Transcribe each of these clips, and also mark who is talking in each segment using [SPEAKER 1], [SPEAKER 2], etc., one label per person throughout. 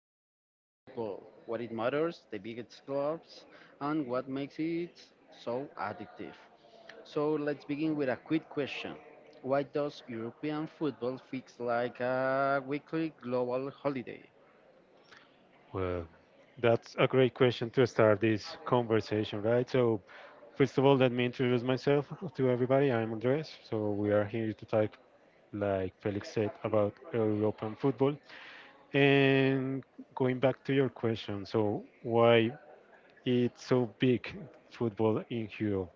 [SPEAKER 1] European football, what it matters, the biggest clubs, and what makes it so addictive. So let's begin with a quick question. Why does European football fix like a weekly global holiday?
[SPEAKER 2] Well, that's a great question to start this conversation, right? So, first of all, let me introduce myself to everybody. I'm Andres. So, we are here to talk, like Felix said, about European football. And going back to your question, so why it's so big football in Europe?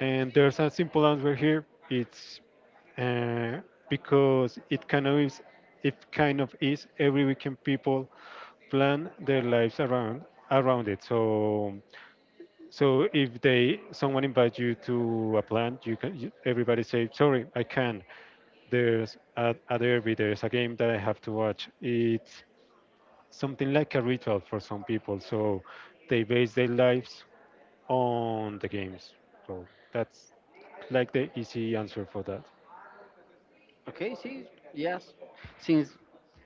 [SPEAKER 2] And there's a simple answer here. It's uh, because it kind of is every weekend people plan their lives around it. So so if they someone invites you to a plan, everybody say sorry, I can. Not there's a derby, there's a game that I have to watch. It's something like a ritual for some people. So they base their lives on the games. So that's like the easy answer for that.
[SPEAKER 1] Okay, see, yes, since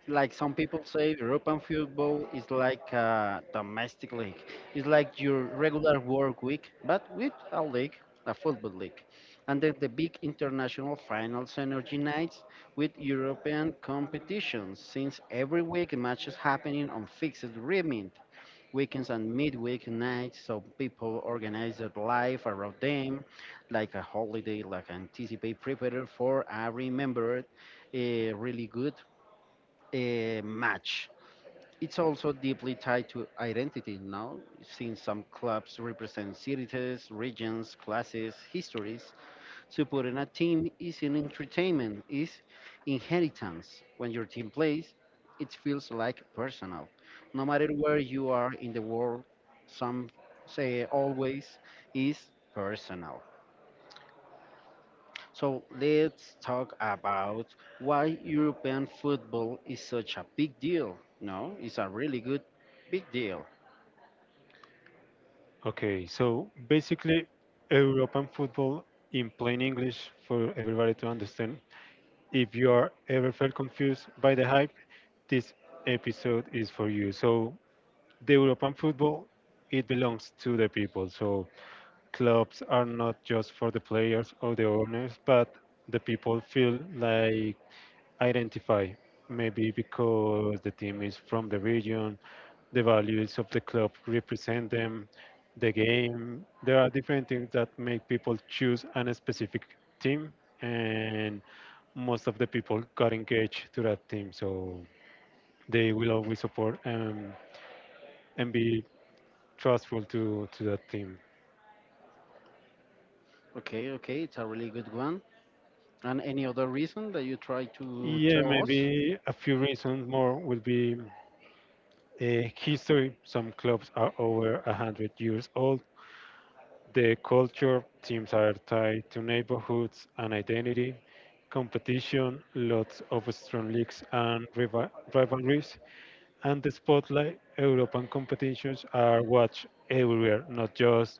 [SPEAKER 1] like some people say, European football is like a domestic league. It's like your regular work week, but with a league, a football league. And then the big international finals energy nights with European competitions, since every week matches happening on fixed rhythm, weekends and midweek nights, so people organize their life around them like a holiday, like anticipate, prepare for a remembered, a really good match. It's also deeply tied to identity now, since some clubs represent cities, regions, classes, histories. Supporting a team is an entertainment, is inheritance. When your team plays, it feels like personal. No matter where you are in the world, some say always is personal. So let's talk about why European football is such a big deal. No, it's a really good big deal.
[SPEAKER 2] Okay, so basically European football in plain English for everybody to understand. If you are ever felt confused by the hype, this episode is for you. So, the European football, it belongs to the people. So, clubs are not just for the players or the owners, but the people feel like identify. Maybe because the team is from the region, the values of the club represent them, the game. There are different things that make people choose a specific team, and most of the people got engaged to that team, so they will always support and be trustful to that team.
[SPEAKER 1] Okay, okay, it's a really good one. And any other reason that you try to
[SPEAKER 2] Yeah,
[SPEAKER 1] tell us?
[SPEAKER 2] maybe a few reasons more would be history. Some clubs are over 100 years old. The culture, teams are tied to neighborhoods and identity, competition, lots of strong leagues and rivalries, and the spotlight. European competitions are watched everywhere, not just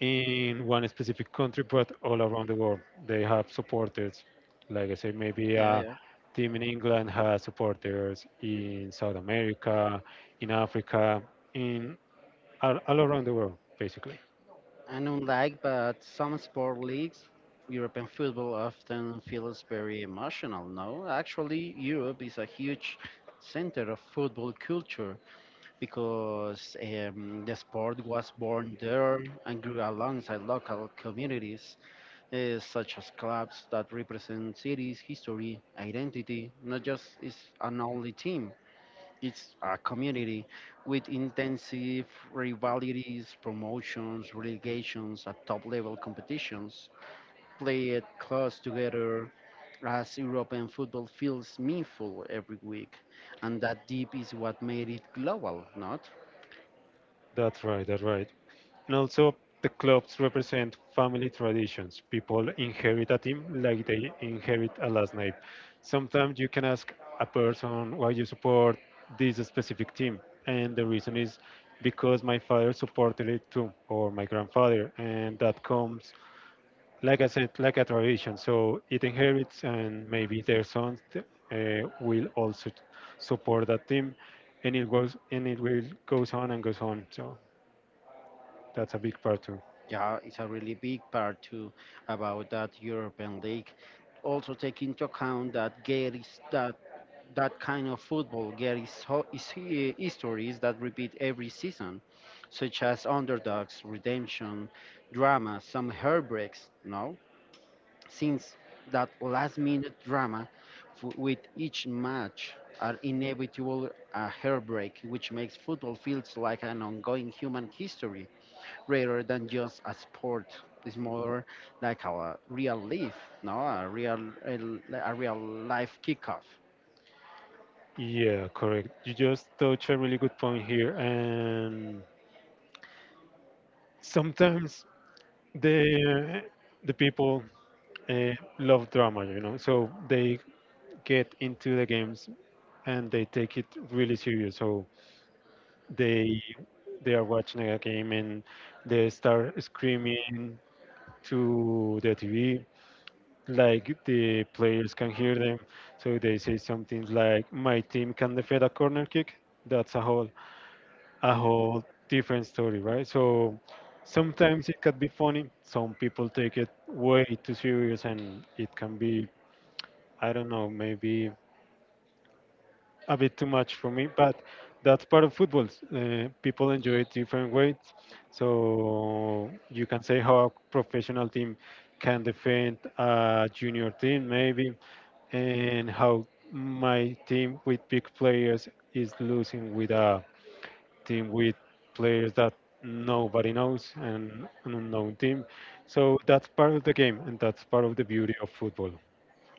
[SPEAKER 2] in one specific country, but all around the world. They have supporters. Like I said, maybe
[SPEAKER 1] Yeah,
[SPEAKER 2] a
[SPEAKER 1] yeah.
[SPEAKER 2] team in England has supporters in South America, in Africa, in all around the world, basically.
[SPEAKER 1] And unlike but some sport leagues, European football often feels very emotional. No, actually, Europe is a huge center of football culture because the sport was born there and grew alongside local communities, such as clubs that represent cities, history, identity, not just is an only team. It's a community with intensive rivalities, promotions, relegations at top level competitions, played close together as European football feels meaningful every week. And that deep is what made it global, not?
[SPEAKER 2] That's right. That's right. And also, the clubs represent family traditions. People inherit a team like they inherit a last name. Sometimes you can ask a person why you support this specific team, and the reason is because my father supported it too, or my grandfather, and that comes, like I said, like a tradition. So it inherits, and maybe their sons will also support that team, and it goes and it will goes on and goes on. So that's a big part too.
[SPEAKER 1] Yeah, it's a really big part too about that European League. Also take into account that Gare is that kind of football, Gare is, is histories that repeat every season, such as underdogs, redemption, drama, some heartbreaks. No, since that last minute drama with each match are inevitable a heartbreak which makes football feels like an ongoing human history rather than just a sport. It's more like a real life, no, a real a real life kickoff.
[SPEAKER 2] Yeah, correct. You just touch a really good point here, and sometimes the the people uh, love drama, you know, so they get into the games and they take it really serious. So they they are watching a game and they start screaming to the TV like the players can hear them. So they say something like, "My team can defend a corner kick. That's a hole." A whole different story, right? So sometimes it can be funny. Some people take it way too serious, and it can be, I don't know, maybe a bit too much for me. But that's part of football. People enjoy it different ways. So you can say how a professional team can defend a junior team, maybe, and how my team with big players is losing with a team with players that nobody knows and an unknown team. So that's part of the game and that's part of the beauty of football.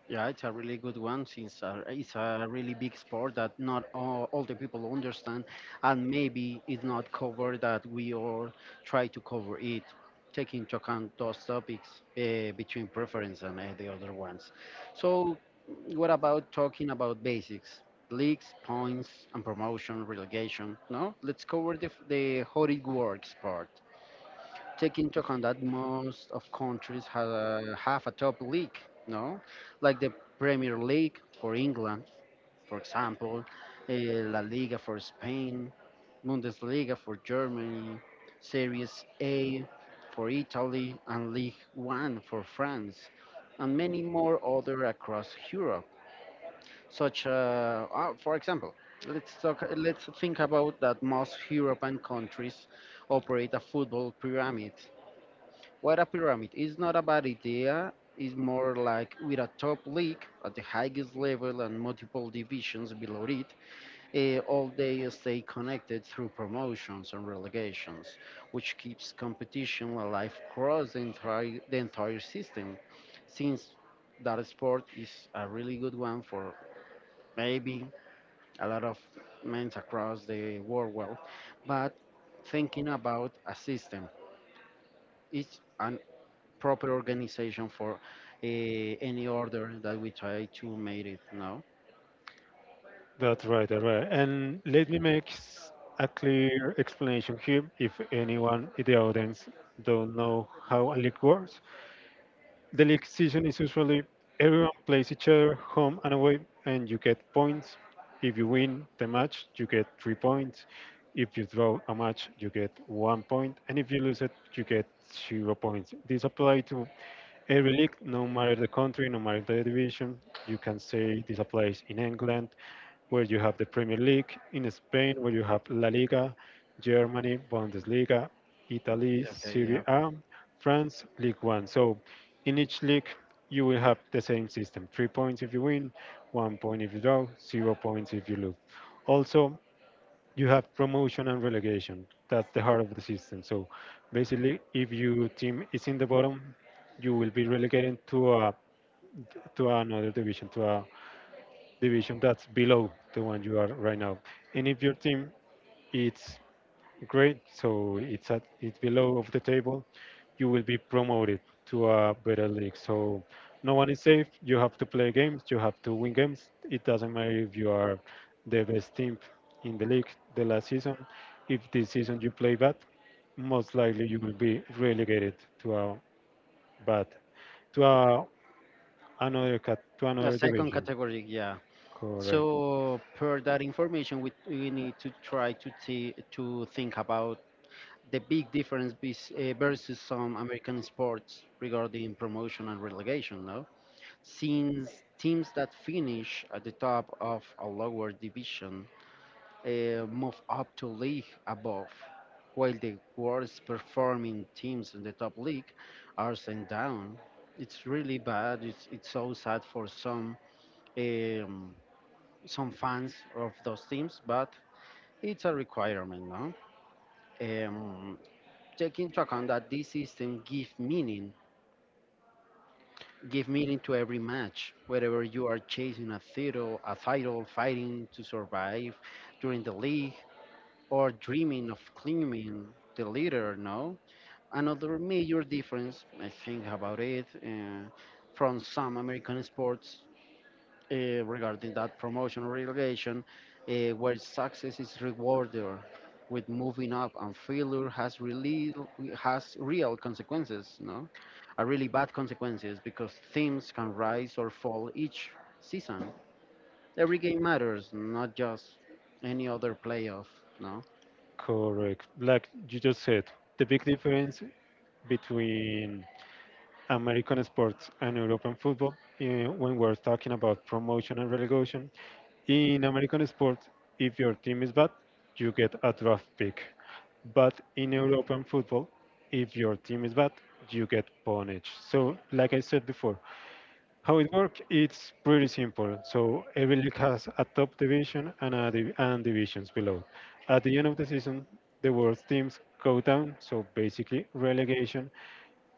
[SPEAKER 1] Yeah, it's a really good one since it's a really big sport that not all the people understand, and maybe it's not covered that we all try to cover it, taking into account those topics between preference and the other ones. So, what about talking about basics, leagues, points, and promotion, relegation? No, let's cover the how it works part. Take into account that most of countries have have a top league, no? Like the Premier League for England, for example, La Liga for Spain, Bundesliga for Germany, Series A for Italy, and League One for France, and many more other across Europe. Such, for example, let's talk. Let's think about that most European countries operate a football pyramid. What a pyramid is not a bad idea. It's more like with a top league at the highest level and multiple divisions below it, all they stay connected through promotions and relegations, which keeps competition alive across the entire system. Since that sport is a really good one for maybe a lot of men across the world, well, but thinking about a system, it's an proper organization for any order that we try to make it now.
[SPEAKER 2] That's right, that's right. And let me a clear explanation here if anyone in the audience don't know how a league works. The league season is usually everyone plays each other home and away, and you get points. If you win the match, you get 3 points. If you draw a match, you get 1 point, and if you lose it, you get 0 points. This applies to every league, no matter the country, no matter the division. You can say this applies in England, where you have the Premier League, in Spain, where you have La Liga, Germany, Bundesliga, Italy,
[SPEAKER 1] Okay,
[SPEAKER 2] Serie
[SPEAKER 1] yeah.
[SPEAKER 2] A, France, League One. So in each league, you will have the same system: 3 points if you win, 1 point if you draw, 0 points if you lose. Also, you have promotion and relegation. That's the heart of the system. So basically, if your team is in the bottom, you will be relegated to a to another division, to a division that's below the one you are right now. And if your team is great, so it's at it's below of the table, you will be promoted to a better league. So no one is safe. You have to play games. You have to win games. It doesn't matter if you are the best team in the league the last season. If this season you play bad, most likely you will be relegated to a bad to a another cat to
[SPEAKER 1] A
[SPEAKER 2] another
[SPEAKER 1] second
[SPEAKER 2] division.
[SPEAKER 1] category, yeah.
[SPEAKER 2] Correct.
[SPEAKER 1] So per that information, we need to try to to think about the big difference versus some American sports regarding promotion and relegation. No, since teams that finish at the top of a lower division move up to league above, while the worst performing teams in the top league are sent down. It's really bad. It's so sad for um, some fans of those teams, but it's a requirement, no? Um, Take into account that this system give meaning to every match. Whether you are chasing a title, fighting to survive during the league, or dreaming of climbing the leader, no? Another major difference, I think about it, from some American sports regarding that promotion or relegation, where success is rewarded with moving up and failure has real consequences, no? Are really bad consequences because teams can rise or fall each season. Every game matters, not just any other playoff, no?
[SPEAKER 2] Correct. Like you just said, the big difference between American sports and European football, when we're talking about promotion and relegation, in American sports, if your team is bad, you get a draft pick. But in European football, if your team is bad, you get punished. So, like I said before, how it works? It's pretty simple. So every league has a top division and and divisions below. At the end of the season, the worst teams go down, so basically relegation,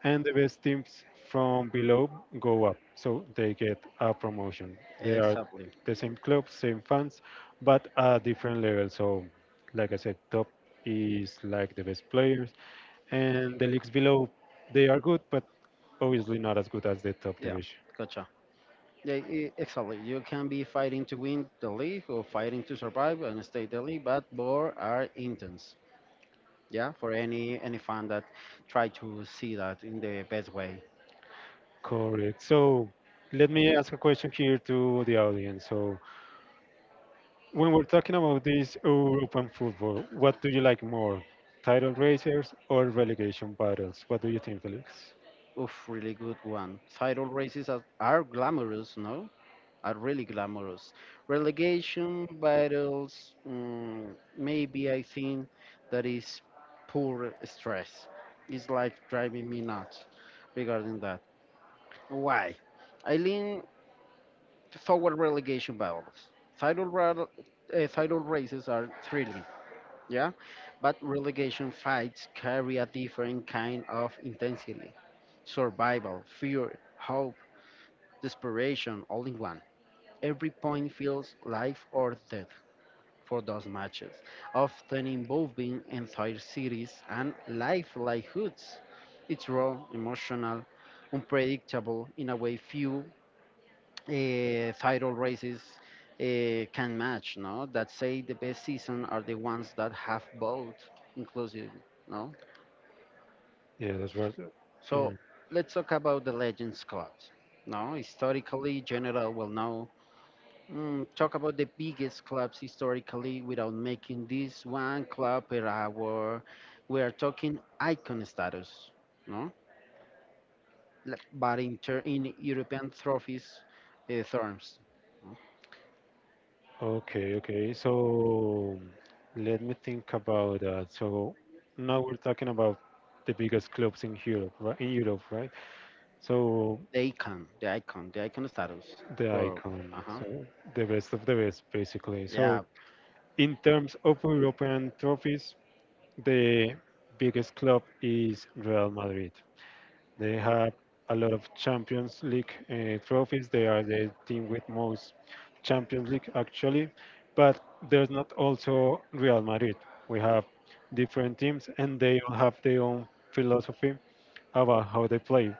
[SPEAKER 2] and the best teams from below go up, so they get a promotion. They are
[SPEAKER 1] Exactly.
[SPEAKER 2] the same club, same fans, but at different levels. So, like I said, top is like the best players, and the leagues below they are good, but obviously not as good as the top
[SPEAKER 1] Yeah,
[SPEAKER 2] division.
[SPEAKER 1] gotcha. Yeah, exactly. You can be fighting to win the league or fighting to survive and stay the league, but both are intense. Yeah, for any fan that try to see that in the best way.
[SPEAKER 2] Correct. So let me ask a question here to the audience. So when we're talking about this European football, what do you like more? Title races or relegation battles? What do you think, Felix?
[SPEAKER 1] Oof, really good one. Title races are glamorous, no? Are really glamorous. Relegation battles, mm, maybe I think that is poor stress. It's like driving me nuts regarding that. Why? I lean forward relegation battles. Title, rattle- Title races are thrilling, yeah, but relegation fights carry a different kind of intensity, survival, fear, hope, desperation, all in one. Every point feels life or death for those matches, often involving entire cities and lifelike hoods. It's raw, emotional, unpredictable in a way few title races can match, no? That say the best season are the ones that have both inclusive, no?
[SPEAKER 2] Yeah, that's right.
[SPEAKER 1] So
[SPEAKER 2] Mm.
[SPEAKER 1] let's talk about the Legends clubs, no? Historically, General will now mm, talk about the biggest clubs historically without making this one club per hour. We are talking icon status, no? But in European trophies terms.
[SPEAKER 2] Okay, okay. So let me think about that. So now we're talking about the biggest clubs in Europe, right? In Europe, right? So
[SPEAKER 1] The icon status
[SPEAKER 2] the
[SPEAKER 1] for,
[SPEAKER 2] icon,
[SPEAKER 1] uh-huh,
[SPEAKER 2] so the best of the best, basically. Yeah. So
[SPEAKER 1] yeah,
[SPEAKER 2] in terms of European trophies, the biggest club is Real Madrid. They have a lot of Champions League trophies. They are the team with most Champions League actually, but there's not also Real Madrid. We have different teams and they all have their own philosophy about how they play.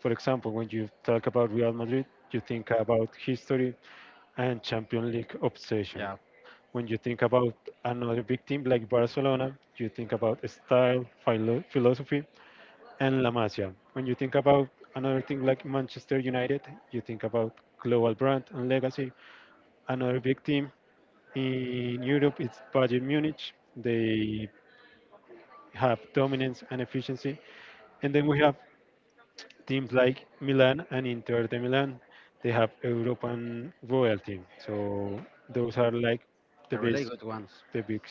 [SPEAKER 2] For example, when you talk about Real Madrid, you think about history and Champions League obsession.
[SPEAKER 1] yeah,
[SPEAKER 2] When you think about another big team like Barcelona, you think about style, philosophy, and La Masia. When you think about another thing like Manchester United, you think about global brand and legacy. Another big team in Europe is Bayern Munich. They have dominance and efficiency. And then we have teams like Milan and Inter de Milan. They have European royalty. So those are like the
[SPEAKER 1] they're really
[SPEAKER 2] best
[SPEAKER 1] good ones.
[SPEAKER 2] the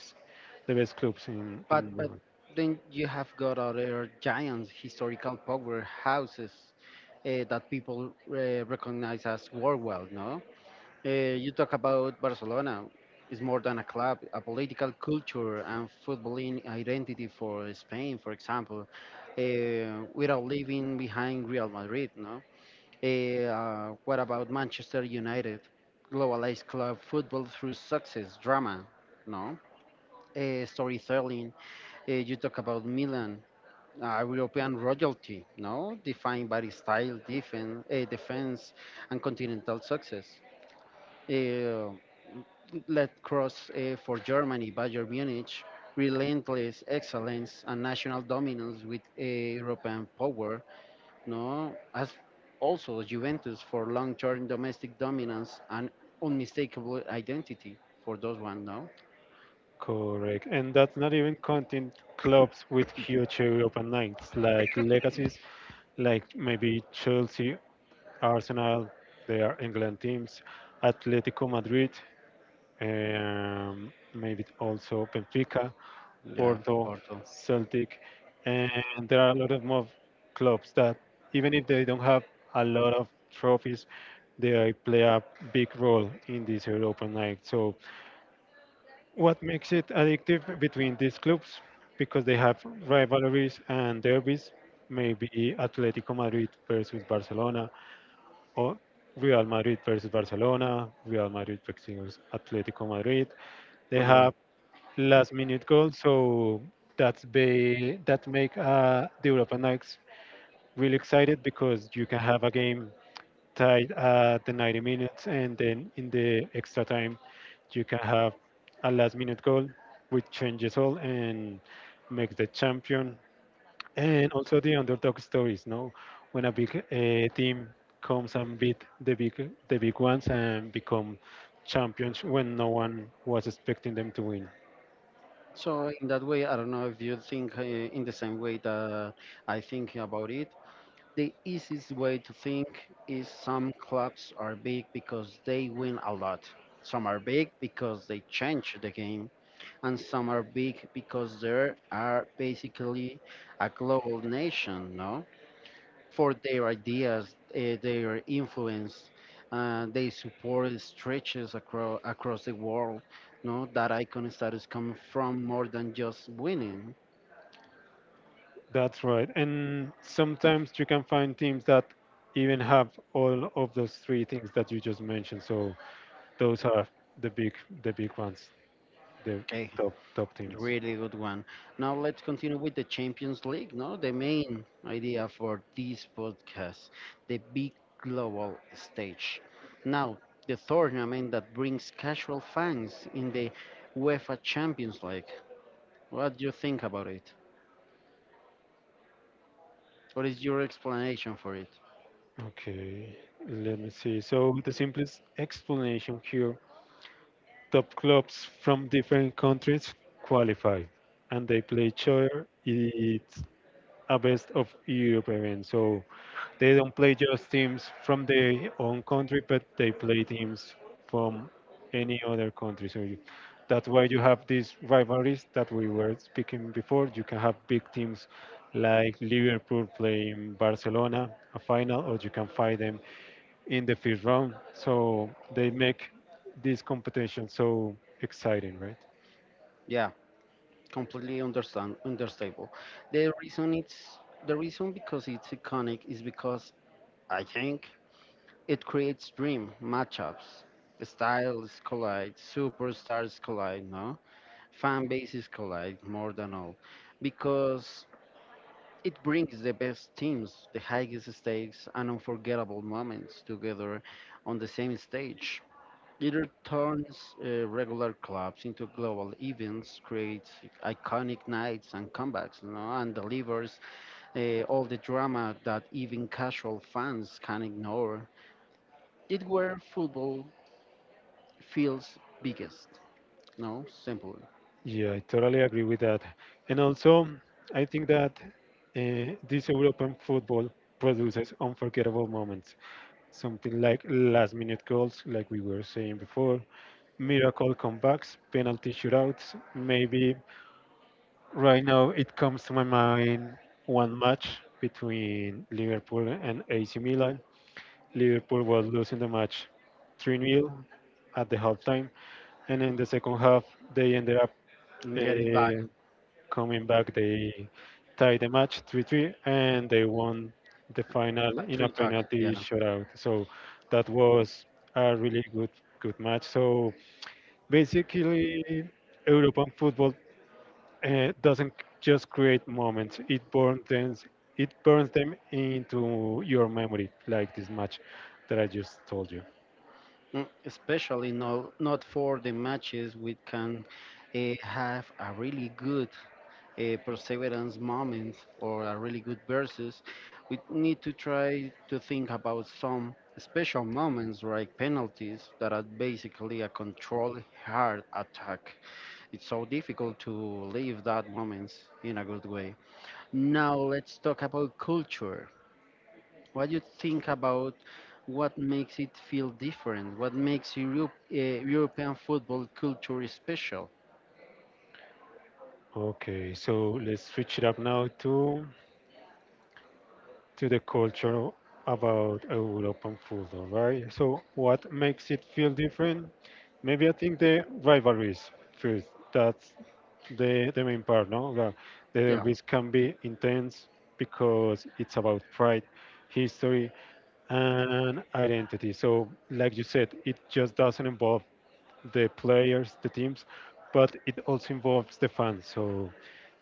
[SPEAKER 2] the best clubs
[SPEAKER 1] But
[SPEAKER 2] in
[SPEAKER 1] but
[SPEAKER 2] Europe.
[SPEAKER 1] then you have got other giants, historical powerhouses that people recognize as worldwide. No, you talk about Barcelona. It's more than a club, a political culture and footballing identity for Spain, for example, uh, without leaving behind Real Madrid. No, what about Manchester United? Globalized club football through success, drama, no? Storytelling. You talk about Milan, European royalty, no? Defined by style, defense, defense and continental success. Eh, for Germany, Bayern Munich, relentless excellence and national dominance with European power, no, as also Juventus for long-term domestic dominance and unmistakable identity for those one, no?
[SPEAKER 2] Correct, and that's not even counting clubs with huge European nights like legacies, like maybe Chelsea, Arsenal, their England teams, Atletico Madrid, maybe also Benfica,
[SPEAKER 1] Yeah,
[SPEAKER 2] Porto, Celtic, and there are a lot of more clubs that even if they don't have a lot of trophies, they play a big role in this European night. So what makes it addictive between these clubs? Because they have rivalries and derbies, maybe Atletico Madrid versus Barcelona, or Real Madrid versus Barcelona, Real Madrid versus Atletico Madrid. They
[SPEAKER 1] good one.
[SPEAKER 2] have last minute goals, so that make the European Nights really excited because you can have a game tied at the 90 minutes, and then in the extra time, you can have a last minute goal which changes all and makes the champion. And also the underdog stories, no? When a big team comes and beat the big ones and become champions when no one was expecting them to win.
[SPEAKER 1] So in that way, I don't know if you think in the same way that I think about it. The easiest way to think is some clubs are big because they win a lot. Some are big because they change the game, and some are big because they are basically a global nation, no? For their ideas, their influence. They support stretches across the world. No, that icon status comes from more than just winning.
[SPEAKER 2] That's right. And sometimes you can find teams that even have all of those three things that you just mentioned. So those are the big the big ones, the
[SPEAKER 1] Okay,
[SPEAKER 2] top teams.
[SPEAKER 1] really good one. Now let's continue with the Champions League. No, the main idea for this podcast, the big global stage. Now the tournament that brings casual fans in the UEFA Champions League. What do you think about it? What is your explanation for it?
[SPEAKER 2] Okay, let me see. So the simplest explanation here: top clubs from different countries qualify, and they play each other. It's a best of Europe event. So they don't play just teams from their own country, but they play teams from any other country. That's why you have these rivalries that we were speaking before. You can have big teams like Liverpool playing Barcelona a final, or you can find them in the first round. So they make this competition so exciting, right?
[SPEAKER 1] Yeah, completely understandable. The reason it's the reason because it's iconic is because I think it creates dream matchups. Styles collide, superstars collide, no? Fan bases collide more than all. Because it brings the best teams, the highest stakes and unforgettable moments together on the same stage. It turns regular clubs into global events, creates iconic nights and comebacks, you know, and delivers all the drama that even casual fans can ignore. It where football feels biggest, no, simple.
[SPEAKER 2] Yeah, I totally agree with that. And also, I think that this European football produces unforgettable moments. Something like last minute goals, like we were saying before, miracle comebacks, penalty shootouts. Maybe right now it comes to my mind one match between Liverpool and AC Milan. Liverpool was losing the match 3-0 at the halftime, and in the second half, they ended up.
[SPEAKER 1] And get it back.
[SPEAKER 2] Uh, Coming back, they tied the match 3-3 and they won the final
[SPEAKER 1] Hat
[SPEAKER 2] in a
[SPEAKER 1] trick talk,
[SPEAKER 2] penalty
[SPEAKER 1] yeah.
[SPEAKER 2] shootout. So that was a really good match. So basically, European football doesn't just create moments; it burns them into your memory, like this match that I just told you.
[SPEAKER 1] Mm, especially no, not for the matches we can have a really good perseverance moment or a really good versus. We need to try to think about some special moments like penalties that are basically a controlled hard attack. It's so difficult to leave that moments in a good way. Now let's talk about culture. What do you think about what makes it feel different? What makes Europe, European football culture special?
[SPEAKER 2] Okay, so let's switch it up now to the culture about European food, all right? So, what makes it feel different? Maybe I think the rivalries first. That's the main part, no? The
[SPEAKER 1] Yeah,
[SPEAKER 2] rivalries can be intense because it's about pride, history, and identity. So, like you said, it just doesn't involve the players, the teams, but it also involves the fans. So,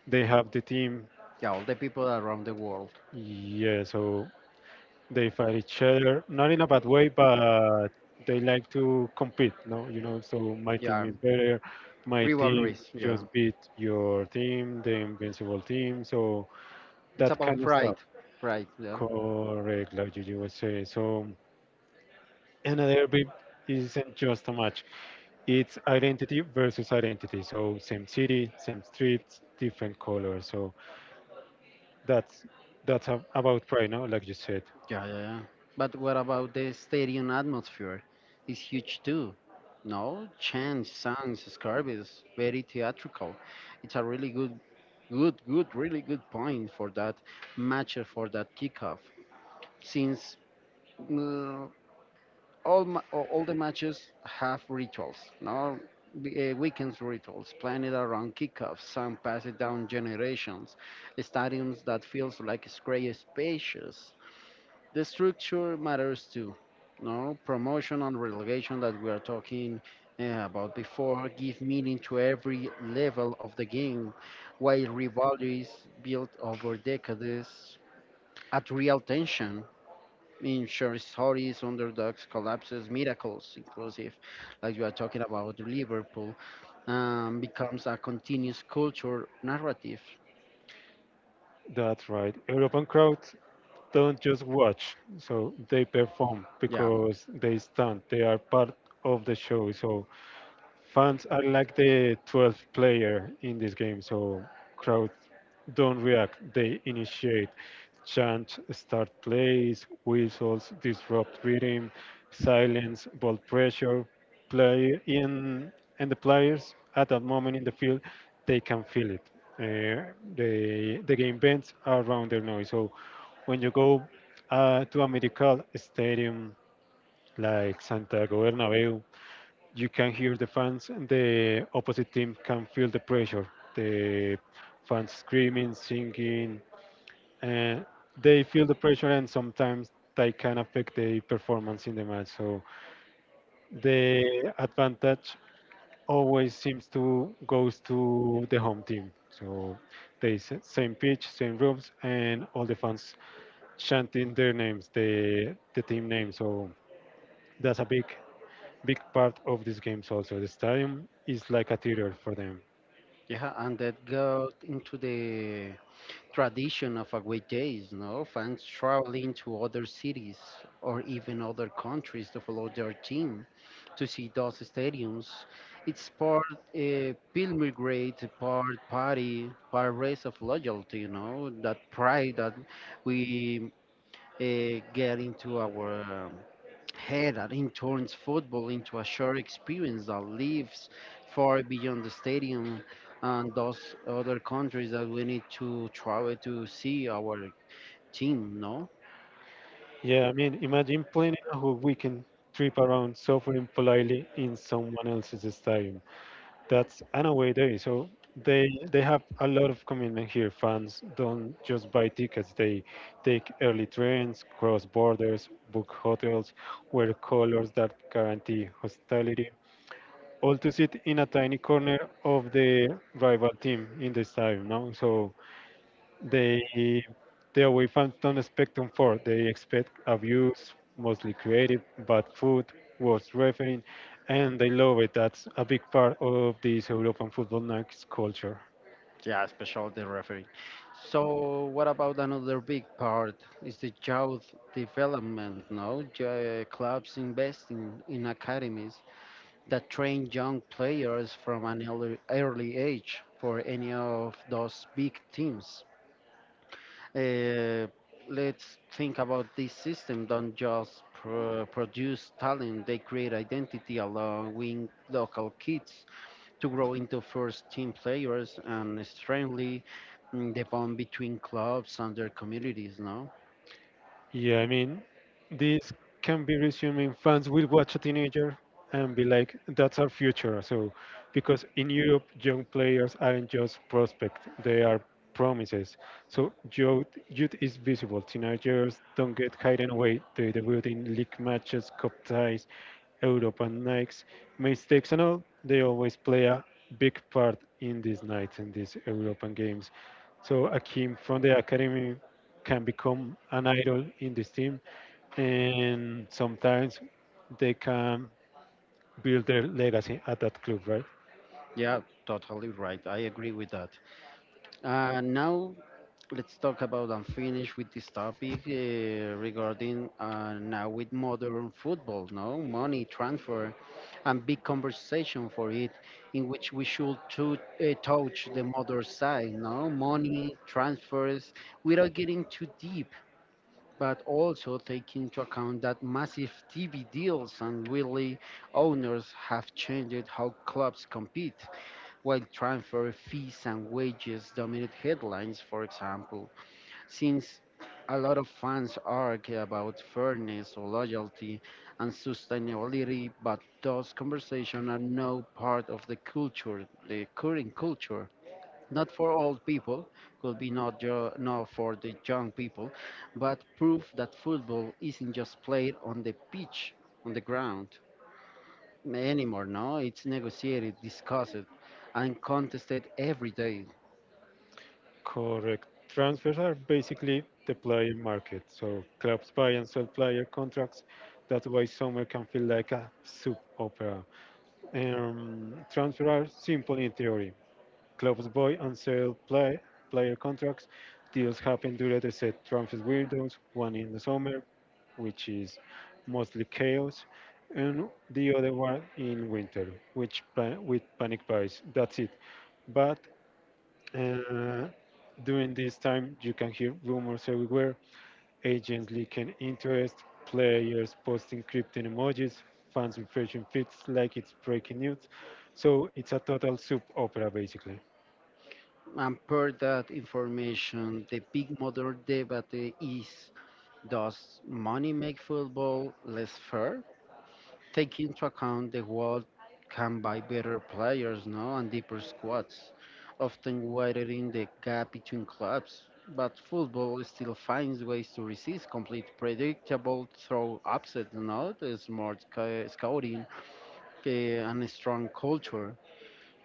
[SPEAKER 2] they have the team.
[SPEAKER 1] yeah, all the people around the world.
[SPEAKER 2] Yeah, so they fight each other, not in a bad way, but they like to compete. No, you know, so my team
[SPEAKER 1] Yeah,
[SPEAKER 2] is better. My team
[SPEAKER 1] rivalries. Yeah,
[SPEAKER 2] just beat your team, the invincible team. So
[SPEAKER 1] it's
[SPEAKER 2] that
[SPEAKER 1] about
[SPEAKER 2] kind of
[SPEAKER 1] pride,
[SPEAKER 2] stuff.
[SPEAKER 1] pride. Yeah,
[SPEAKER 2] Correct, like you would say. So another big isn't just a match. It's identity versus identity. So same city, same streets, different colors. So that's that's about pride, no? Like you said.
[SPEAKER 1] yeah, yeah, yeah. But what about the stadium atmosphere? It's huge too. No, chants, songs, scarves, is very theatrical. It's a really really good point for that match for that kickoff. Since mm, all the matches have rituals, no, weekends rituals planned around kickoffs, some passed down generations, stadiums that feels like it's great spacious, the structure matters too. No promotion and relegation that we are talking about before give meaning to every level of the game, while rivalries built over decades at real tension in short stories, underdogs, collapses, miracles, inclusive, like you are talking about Liverpool, becomes a continuous culture narrative.
[SPEAKER 2] That's right. European crowd don't just watch. So they perform
[SPEAKER 1] Yeah.
[SPEAKER 2] because they stand. They are part of the show. So fans are like the 12th player in this game, so crowd don't react. They initiate, chant, start plays, whistles, disrupt rhythm, silence, ball pressure. Play in and the players at that moment in the field, they can feel it. The game bends around their noise. So when you go to a medical stadium like Santiago Bernabeu, you can hear the fans and the opposite team can feel the pressure, the fans screaming singing, and they feel the pressure and sometimes they can affect the performance in the match. So the advantage always seems to goes to the home team. So same pitch, same rooms, and all the fans chanting their names, the team name. So that's a big part of these games. Also the stadium is like a theater for them.
[SPEAKER 1] Yeah, and that got into the tradition of away days, no? Fans traveling to other cities or even other countries to follow their team to see those stadiums. It's part pilgrimage, part party, part race of loyalty, you know, that pride that we get into our head and in turns football into a shared experience that lives far beyond the stadium and those other countries that we need to travel to see our team, no?
[SPEAKER 2] Yeah, I mean, imagine planning a whole weekend trip around suffering politely in someone else's stadium. That's an away day, so they have a lot of commitment here. Fans don't just buy tickets; they take early trains, cross borders, book hotels, wear colors that guarantee hospitality, all to sit in a tiny corner of the rival team in the stadium. No, so they they away fans don't expect comfort. They expect abuse, mostly creative, bad food, worse refereeing, and they love it. That's a big part of this European football nights culture.
[SPEAKER 1] Yeah, especially the referee. So, what about another big part? Is the youth development, no? Clubs investing in academies that train young players from early age for any of those big teams. Uh, let's think about this system. Don't just produce talent; they create identity, allowing local kids to grow into first team players and strengthen mm, the bond between clubs and their communities. No,
[SPEAKER 2] Yeah, I mean, this can be resuming fans will watch a teenager and be like, that's our future. So, because in Europe, young players aren't just prospect, they are promises. So, youth is visible. Teenagers don't get hidden away. They debut in league matches, cup ties, Europe and Nikes. Mistakes and all, they always play a big part in these nights, in these European games. So Akim from the academy can become an idol in this team, and sometimes they can build their legacy at that club, right?
[SPEAKER 1] yeah, totally right. I agree with that. Now, let's talk about and finish with this topic regarding now with modern football, no money transfer, and big conversation for it, in which we should to, touch the modern side, no money transfers, without getting too deep. But also take into account that massive TV deals and really owners have changed how clubs compete. While transfer fees and wages dominate headlines, for example, since a lot of fans argue about fairness or loyalty and sustainability, but those conversations are now part of the culture, the current culture. Not for old people, could be not, not for the young people, but proof that football isn't just played on the pitch, on the ground anymore, no? It's negotiated, discussed, and contested every day.
[SPEAKER 2] Correct. Transfers are basically the player market. So clubs buy and sell player contracts. That's why summer can feel like a soup opera. Transfers are simple in theory. Clubs buy and sell player contracts. Deals happen during the set transfer windows, one in the summer, which is mostly chaos, and the other one in winter, with panic buys. That's it. But uh, during this time, you can hear rumors everywhere. Agents leaking interest, players posting cryptic emojis, fans refreshing feeds like it's breaking news. So it's a total soup opera, basically.
[SPEAKER 1] And per that information, the big modern debate is, does money make football less fair? Take into account the world can buy better players, no? And deeper squads, often widening the gap between clubs. But football still finds ways to resist complete predictable throw upset, no? The smart scouting and a strong culture.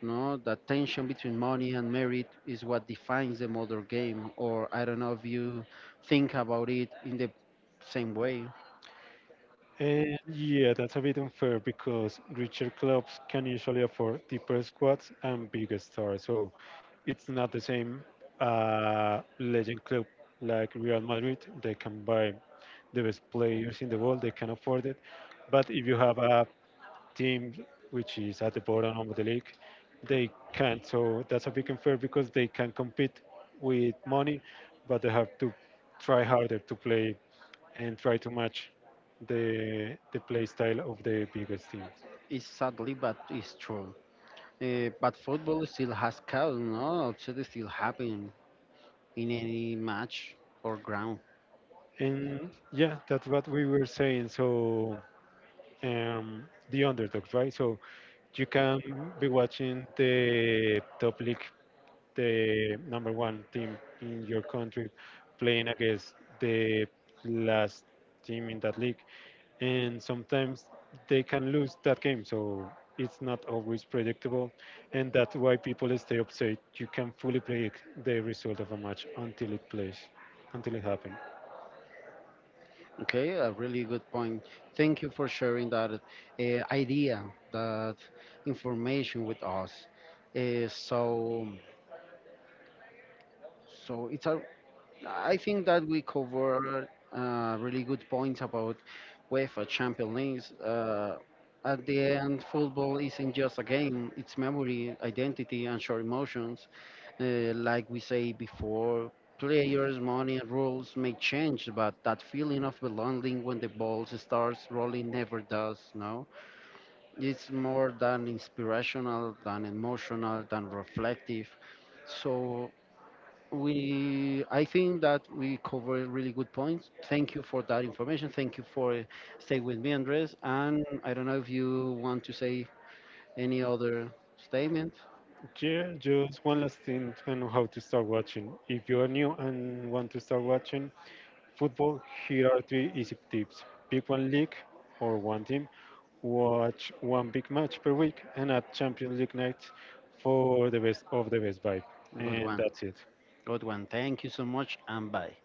[SPEAKER 1] No, that tension between money and merit is what defines the modern game. Or I don't know if you think about it in the same way.
[SPEAKER 2] And yeah, that's a bit unfair because richer clubs can usually afford deeper squads and bigger stars. So it's not the same legend club like Real Madrid. They can buy the best players in the world, they can afford it. But if you have a team which is at the bottom of the league, they can't. So that's a big unfair because they can compete with money, but they have to try harder to play and try to match the play style of the biggest team.
[SPEAKER 1] It's sadly, but it's true. Eh, but football still has cows, no? Upset still happen in any match or ground.
[SPEAKER 2] And yeah, that's what we were saying. So um, the underdogs, right? So you can be watching the top league, the number one team in your country, playing against the last team in that league, and sometimes they can lose that game. So it's not always predictable, and that's why people stay upset. You can fully predict the result of a match until it plays, until it happens.
[SPEAKER 1] Okay, a really good point. Thank you for sharing that idea, that information with us. Eh, so, so it's a, I think that we cover really good points about UEFA Champions League. At the end, football isn't just a game, it's memory, identity, and shared emotions. Like we say before, players, money, and rules may change, but that feeling of belonging when the ball starts rolling never does, no? It's more than inspirational, than emotional, than reflective. So we, I think that we covered really good points. Thank you for that information, thank you for staying with me Andres, and I don't know if you want to say any other statement.
[SPEAKER 2] Yeah, just one last thing on how to start watching. If you are new and want to start watching football, here are three easy tips. Pick one league or one team, watch one big match per week, and at Champions League night for the best of the best vibe.
[SPEAKER 1] Good
[SPEAKER 2] And
[SPEAKER 1] one,
[SPEAKER 2] that's it.
[SPEAKER 1] good one, thank you so much, and bye.